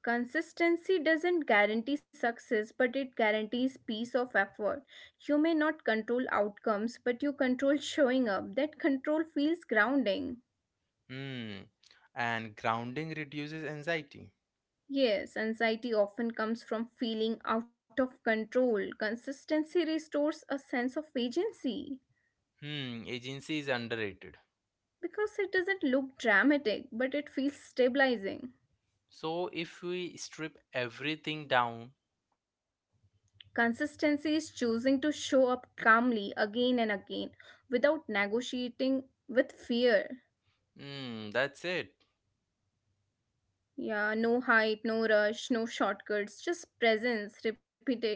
Speaker 2: Consistency doesn't guarantee success, but it guarantees peace of effort. You may not control outcomes, but you control showing up. That control feels grounding.
Speaker 1: Hmm, and grounding reduces anxiety.
Speaker 2: Yes, anxiety often comes from feeling out of control. Consistency restores a sense of agency
Speaker 1: Hmm, agency is underrated.
Speaker 2: because it doesn't look dramatic, but it feels stabilizing.
Speaker 1: So if we strip everything down,
Speaker 2: Consistency is choosing to show up calmly again and again without negotiating with fear.
Speaker 1: hmm, that's it.
Speaker 2: Yeah, no hype, no rush, no shortcuts, just presence, repeated.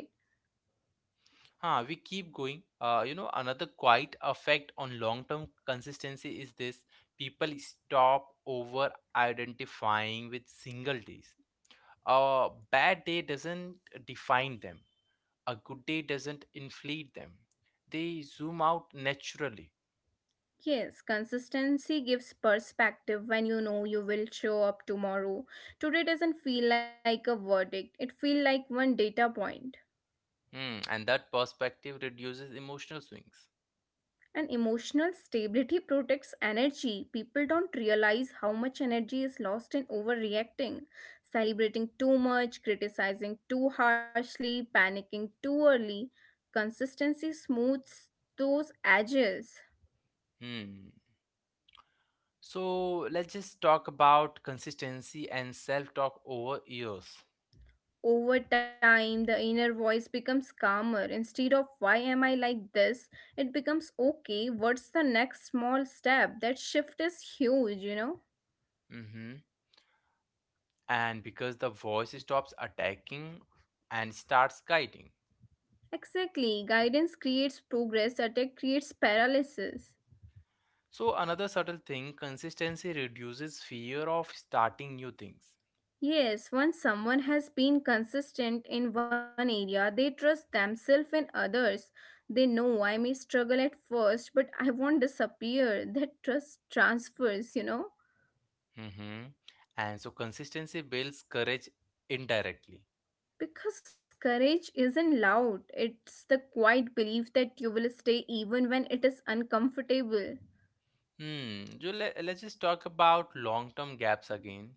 Speaker 1: Huh, we keep going. Uh, you know, another quiet effect on long-term consistency is this: people stop over-identifying with single days. A bad day doesn't define them. A good day doesn't inflate them. They zoom out naturally.
Speaker 2: Yes, consistency gives perspective when you know you will show up tomorrow. Today doesn't feel like a verdict, it feels like one data point.
Speaker 1: Hmm, and that perspective reduces emotional swings.
Speaker 2: And emotional stability protects energy. People don't realize how much energy is lost in overreacting, celebrating too much, criticizing too harshly, panicking too early. Consistency smooths those edges.
Speaker 1: Hmm. So let's just talk about consistency and self-talk over years.
Speaker 2: Over time, the inner voice becomes calmer. Instead of why am I like this, it becomes okay, what's the next small step? That shift is huge, you know?
Speaker 1: Mm-hmm. And because the voice stops attacking and starts guiding.
Speaker 2: Exactly. Guidance creates progress, attack creates paralysis.
Speaker 1: So, another subtle thing consistency reduces fear of starting new things.
Speaker 2: Yes, once someone has been consistent in one area, they trust themselves and others. They know I may struggle at first, but I won't disappear. That trust transfers, you know?
Speaker 1: Mhm. And so, consistency builds courage indirectly.
Speaker 2: Because courage isn't loud, it's the quiet belief that you will stay even when it is uncomfortable.
Speaker 1: Hmm. So le- let's just talk about long term gaps again.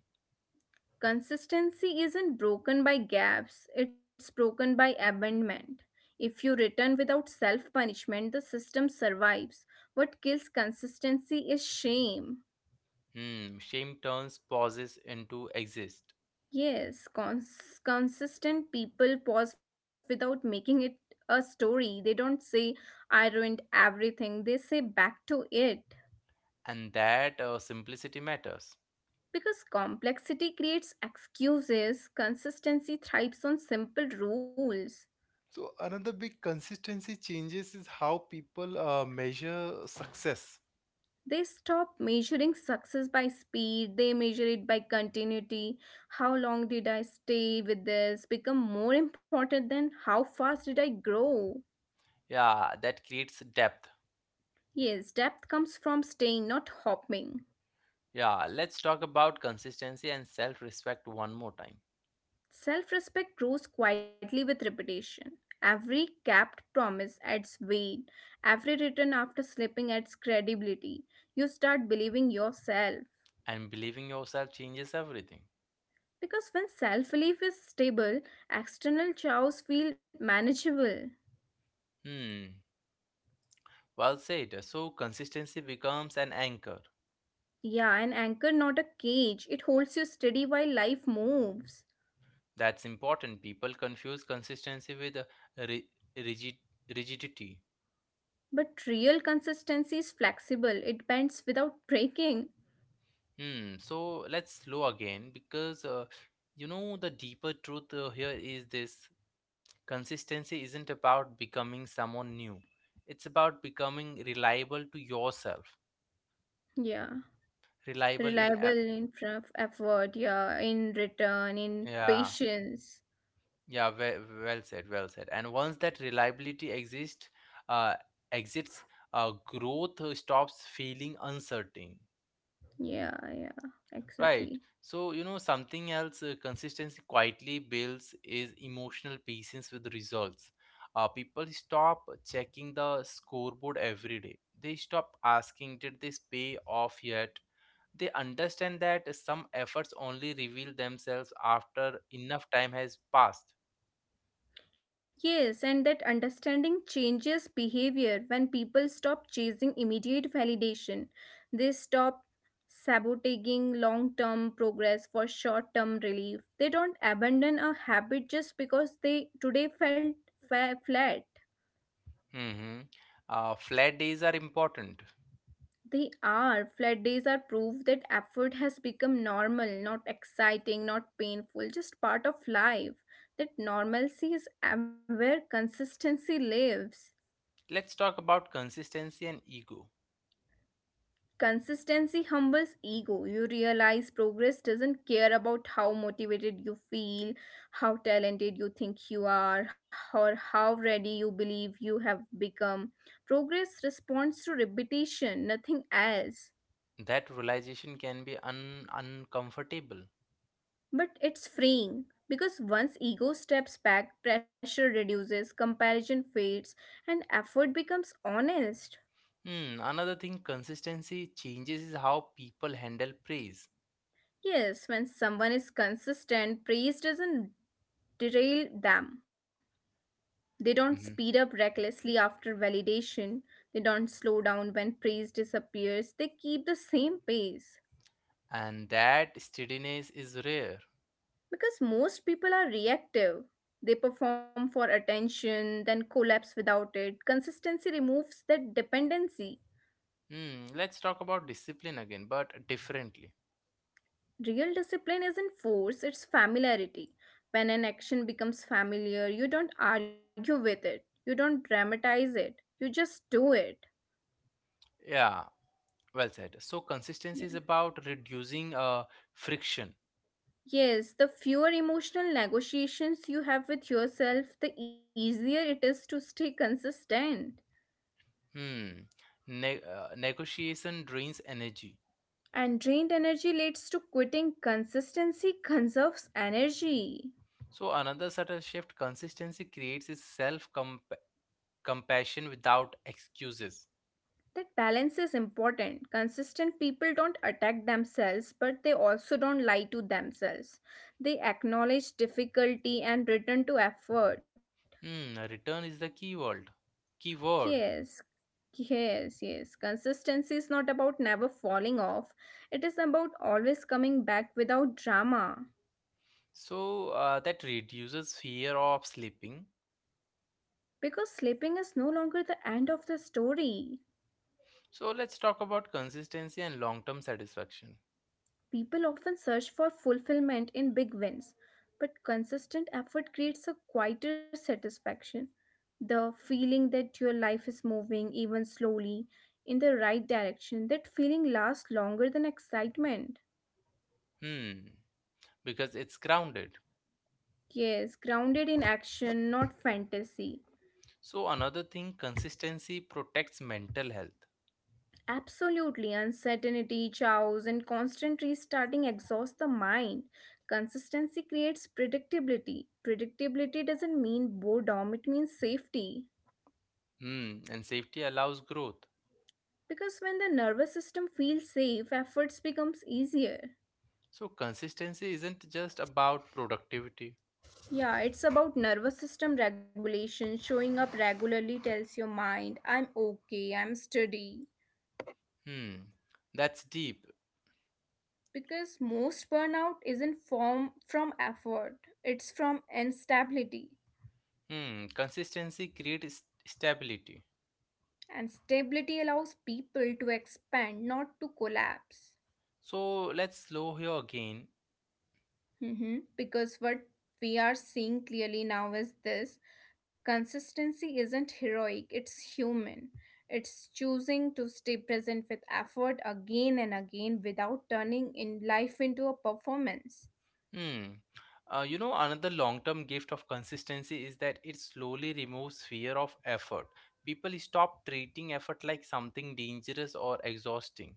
Speaker 2: Consistency isn't broken by gaps, it's broken by abandonment. If you return without self punishment, the system survives. What kills consistency is shame.
Speaker 1: Hmm. Shame turns pauses into exist,
Speaker 2: Yes, cons- consistent people pause without making it a story. They don't say, I ruined everything, they say, back to it.
Speaker 1: and that uh, simplicity matters.
Speaker 2: Because complexity creates excuses, consistency thrives on simple rules.
Speaker 1: So another big consistency changes is how people uh, measure success.
Speaker 2: They stop measuring success by speed, they measure it by continuity. How long did I stay with this? Become more important than how fast did I grow?
Speaker 1: Yeah, that creates depth.
Speaker 2: Yes, depth comes from staying, not hopping.
Speaker 1: Yeah, let's talk about consistency and self respect one more time.
Speaker 2: Self respect grows quietly with repetition. Every capped promise adds weight, every return after slipping adds credibility. You start believing yourself.
Speaker 1: And believing yourself changes everything.
Speaker 2: Because when self belief is stable, external chaos feel manageable.
Speaker 1: Hmm, well said. So, consistency becomes an anchor.
Speaker 2: Yeah, an anchor, not a cage. It holds you steady while life moves.
Speaker 1: That's important. People confuse consistency with uh, ri- rigid- rigidity.
Speaker 2: But real consistency is flexible, it bends without breaking.
Speaker 1: Hmm, so let's slow again because uh, you know the deeper truth uh, here is this consistency isn't about becoming someone new, it's about becoming reliable to yourself,
Speaker 2: Yeah.
Speaker 1: reliable in
Speaker 2: Reliable
Speaker 1: a-
Speaker 2: in front of effort, yeah, in return, in
Speaker 1: yeah.
Speaker 2: patience.
Speaker 1: Yeah well, well said well said and once that reliability exists uh exits uh growth uh, stops feeling uncertain.
Speaker 2: Yeah, yeah,
Speaker 1: Right,
Speaker 2: exactly.
Speaker 1: so you know something else, uh, consistency quietly builds is emotional patience with results. Uh people stop checking the scoreboard every day. They stop asking, did this pay off yet? They understand that some efforts only reveal themselves after enough time has passed.
Speaker 2: Yes, and that understanding changes behavior when people stop chasing immediate validation. They stop sabotaging long term progress for short term relief. They don't abandon a habit just because they today felt fa- flat.
Speaker 1: Hmm. Uh, flat days are important.
Speaker 2: They are. Flat days are proof that effort has become normal, not exciting, not painful, just part of life. That normalcy is where consistency lives.
Speaker 1: Let's talk about consistency and ego.
Speaker 2: Consistency humbles ego. You realize progress doesn't care about how motivated you feel, how talented you think you are, or how ready you believe you have become. Progress responds to repetition, nothing else.
Speaker 1: That realization can be un- uncomfortable.
Speaker 2: But it's freeing because once ego steps back, pressure reduces, comparison fades, and effort becomes honest.
Speaker 1: Hmm, another thing, consistency changes is how people handle praise.
Speaker 2: Yes, when someone is consistent, praise doesn't derail them. They don't speed
Speaker 1: Hmm,
Speaker 2: up recklessly after validation. They don't slow down when praise disappears. They keep the same pace.
Speaker 1: and that steadiness is rare.
Speaker 2: Because most people are reactive. They perform for attention, then collapse without it. Consistency removes that dependency.
Speaker 1: Hmm, let's talk about discipline again, but differently.
Speaker 2: Real discipline isn't force, it's familiarity. When an action becomes familiar, you don't argue with it, you don't dramatize it, you just do it.
Speaker 1: Yeah, well said. So
Speaker 2: Yeah.
Speaker 1: consistency is about reducing uh, friction.
Speaker 2: Yes, the fewer emotional negotiations you have with yourself, the easier it is to stay consistent.
Speaker 1: Hmm, ne- uh, negotiation drains energy.
Speaker 2: And drained energy leads to quitting. Consistency conserves energy.
Speaker 1: So another subtle shift consistency creates is self compassion without excuses.
Speaker 2: That balance is important. Consistent people don't attack themselves, but they also don't lie to themselves. They acknowledge difficulty and return to effort.
Speaker 1: Hmm, return is the keyword. Keyword.
Speaker 2: Yes, yes, yes. Consistency is not about never falling off, it is about always coming back without drama.
Speaker 1: So uh, that reduces fear of sleeping.
Speaker 2: Because sleeping is no longer the end of the story.
Speaker 1: So let's talk about consistency and long-term satisfaction.
Speaker 2: People often search for fulfillment in big wins, but consistent effort creates a quieter satisfaction. The feeling that your life is moving, even slowly, in the right direction, that feeling lasts longer than excitement.
Speaker 1: Hmm, because it's grounded.
Speaker 2: Yes, grounded in action, not fantasy.
Speaker 1: So another thing, consistency protects mental health.
Speaker 2: Absolutely, uncertainty, chaos, and constant restarting exhaust the mind. Consistency creates predictability. Predictability doesn't mean boredom, it means safety.
Speaker 1: Hmm, and safety allows growth.
Speaker 2: Because when the nervous system feels safe, efforts becomes easier.
Speaker 1: So consistency isn't just about productivity.
Speaker 2: Yeah, it's about nervous system regulation. Showing up regularly tells your mind, I'm okay, I'm steady.
Speaker 1: Hmm, that's deep.
Speaker 2: Because most burnout isn't form from effort, it's from instability.
Speaker 1: Hmm, consistency creates stability.
Speaker 2: And stability allows people to expand, not to collapse.
Speaker 1: So let's slow here again.
Speaker 2: Mhm. Because what we are seeing clearly now is this consistency isn't heroic, it's human. It's choosing to stay present with effort again and again without turning in life into a performance.
Speaker 1: Hmm. Uh, you know, another long term gift of consistency is that it slowly removes fear of effort. People stop treating effort like something dangerous or exhausting.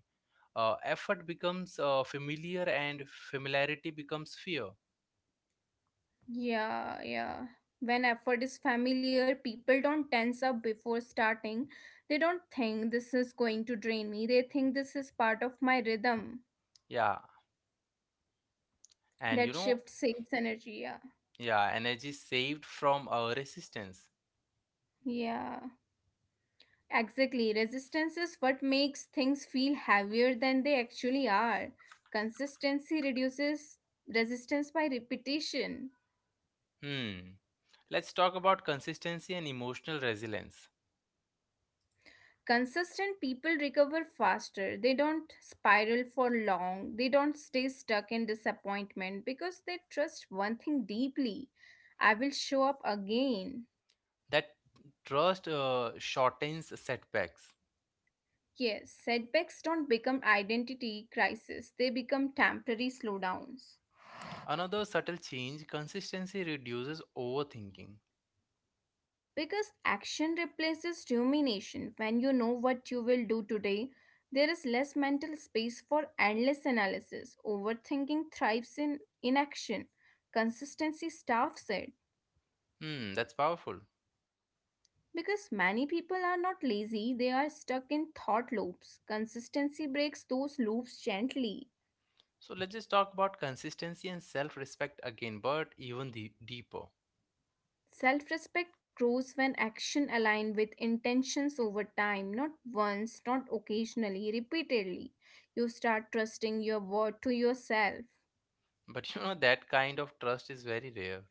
Speaker 1: Uh, effort becomes uh, familiar, and familiarity becomes fear.
Speaker 2: Yeah, yeah. When effort is familiar, people don't tense up before starting. They don't think this is going to drain me. They think this is part of my rhythm.
Speaker 1: Yeah. And you
Speaker 2: That
Speaker 1: know,
Speaker 2: shift saves energy. yeah
Speaker 1: yeah, energy saved from uh, resistance.
Speaker 2: yeah exactly, resistance is what makes things feel heavier than they actually are. Consistency reduces resistance by repetition.
Speaker 1: Hmm. Let's talk about consistency and emotional resilience.
Speaker 2: Consistent people recover faster, they don't spiral for long, they don't stay stuck in disappointment because they trust one thing deeply: I will show up again.
Speaker 1: That trust uh, shortens setbacks.
Speaker 2: Yes, setbacks don't become identity crisis, they become temporary slowdowns.
Speaker 1: Another subtle change consistency reduces overthinking.
Speaker 2: Because action replaces rumination. When you know what you will do today, there is less mental space for endless analysis. Overthinking thrives in inaction. Consistency staffs it.
Speaker 1: Hmm, that's powerful.
Speaker 2: Because many people are not lazy, they are stuck in thought loops. Consistency breaks those loops gently.
Speaker 1: So let's just talk about consistency and self respect again, but even the deeper.
Speaker 2: Self respect grows when action aligns with intentions over time, not once, not occasionally, repeatedly. You start trusting your word to yourself.
Speaker 1: But you know, that kind of trust is very rare.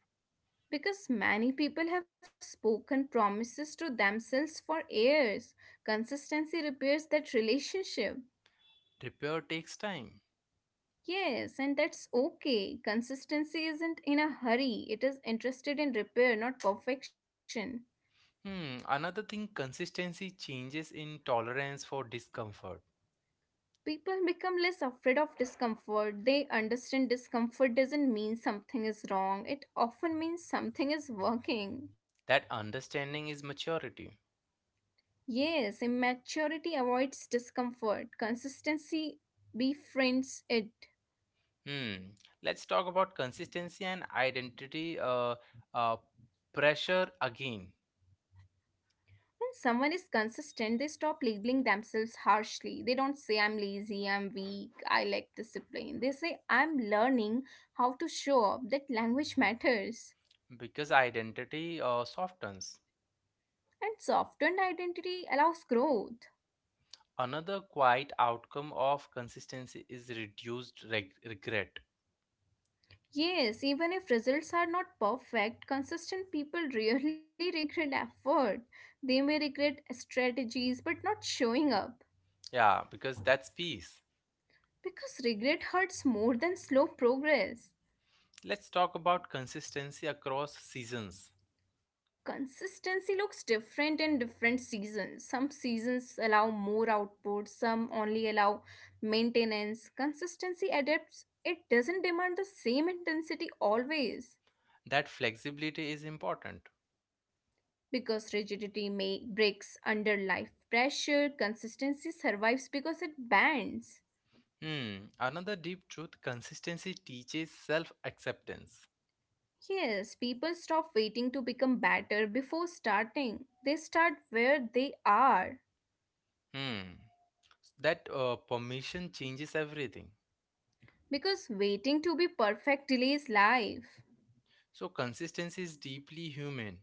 Speaker 2: Because many people have spoken promises to themselves for years. Consistency repairs that relationship.
Speaker 1: Repair takes time.
Speaker 2: Yes, and that's okay. Consistency isn't in a hurry, it is interested in repair, not perfection.
Speaker 1: Hmm, another thing consistency changes in tolerance for discomfort.
Speaker 2: People become less afraid of discomfort. They understand discomfort doesn't mean something is wrong, it often means something is working.
Speaker 1: That understanding is maturity.
Speaker 2: Yes, immaturity avoids discomfort, consistency befriends it.
Speaker 1: Hmm. Let's talk about consistency and identity uh, uh, pressure again,
Speaker 2: When someone is consistent, they stop labeling themselves harshly. They don't say, I'm lazy, I'm weak, I lack discipline. They say, I'm learning how to show up. That language matters.
Speaker 1: because identity uh, softens.
Speaker 2: And softened identity allows growth.
Speaker 1: Another quiet outcome of consistency is reduced reg- regret.
Speaker 2: Yes, even if results are not perfect, consistent people rarely regret effort. They may regret strategies but not showing up,
Speaker 1: Yeah, because that's peace.
Speaker 2: because regret hurts more than slow progress.
Speaker 1: Let's talk about consistency across seasons.
Speaker 2: Consistency looks different in different seasons. Some seasons allow more output, some only allow maintenance. Consistency adapts, it doesn't demand the same intensity always.
Speaker 1: That flexibility is important.
Speaker 2: Because rigidity may breaks under life pressure, consistency survives because it bends.
Speaker 1: Hmm. Another deep truth consistency teaches self acceptance.
Speaker 2: Yes, people stop waiting to become better before starting, they start where they are.
Speaker 1: Hmm. That uh, permission changes everything.
Speaker 2: Because waiting to be perfect delays life.
Speaker 1: So consistency is deeply human.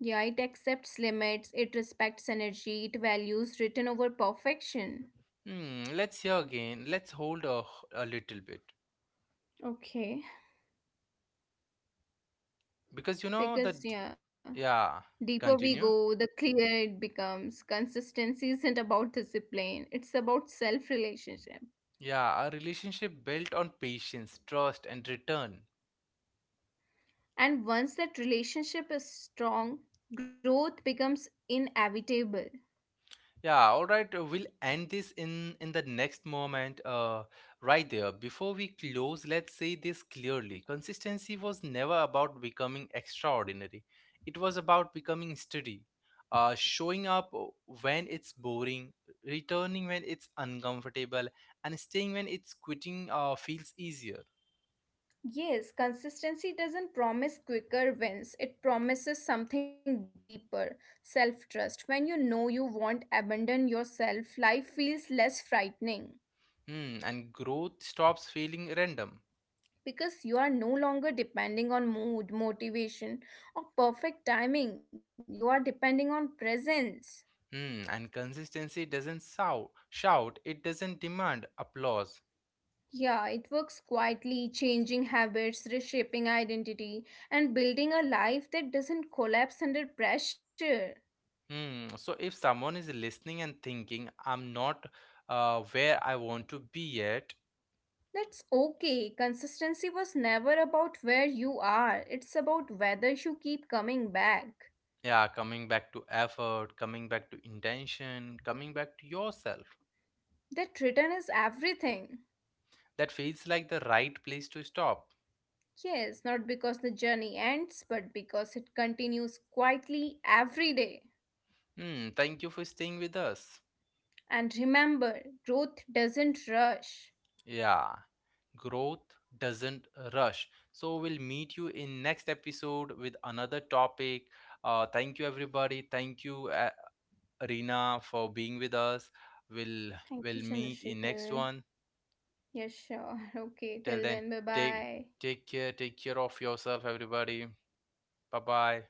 Speaker 2: Yeah, it accepts limits, it respects energy, it values written over perfection.
Speaker 1: Hmm, let's hear again. Let's hold a, a little bit.
Speaker 2: Okay.
Speaker 1: Because you know that,
Speaker 2: Because, yeah,
Speaker 1: yeah,
Speaker 2: deeper we
Speaker 1: continue.
Speaker 2: go, the clearer it becomes. Consistency isn't about discipline, it's about self relationship.
Speaker 1: Yeah, a relationship built on patience, trust, and return.
Speaker 2: And once that relationship is strong, growth becomes inevitable.
Speaker 1: Yeah, all right. uh, We'll end this in in the next moment, uh, right there. Before we close, let's say this clearly. Consistency was never about becoming extraordinary. It was about becoming steady, uh, showing up uh, when it's boring, returning when it's uncomfortable, and staying when it's quitting uh, feels easier.
Speaker 2: Yes, consistency doesn't promise quicker wins, it promises something deeper: self trust. When you know you won't abandon yourself, life feels less frightening.
Speaker 1: Hmm, and growth stops feeling random.
Speaker 2: Because you are no longer depending on mood, motivation, or perfect timing. You are depending on presence.
Speaker 1: Hmm, and consistency doesn't shout, shout. It doesn't demand applause.
Speaker 2: Yeah, it works quietly, changing habits, reshaping identity, and building a life that doesn't collapse under pressure.
Speaker 1: Hmm. So if someone is listening and thinking, I'm not uh, where I want to be yet,
Speaker 2: That's okay. Consistency was never about where you are, it's about whether you keep coming back.
Speaker 1: yeah, coming back to effort, coming back to intention, coming back to yourself,
Speaker 2: That return is everything.
Speaker 1: that feels like the right place to stop.
Speaker 2: Yes, not because the journey ends, but because it continues quietly every day.
Speaker 1: Hmm. Thank you for staying with us.
Speaker 2: And remember, growth doesn't rush.
Speaker 1: Yeah, growth doesn't rush. So we'll meet you in next episode with another topic. Uh, thank you everybody. Thank you, uh, Rina, for being with us. We'll
Speaker 2: Thank you,
Speaker 1: we'll meet in next
Speaker 2: Chandrasekhar.
Speaker 1: one.
Speaker 2: Yes, sure. Okay,
Speaker 1: Till
Speaker 2: till
Speaker 1: then,
Speaker 2: then, bye
Speaker 1: take
Speaker 2: bye.
Speaker 1: take care, take care of yourself, everybody. Bye bye.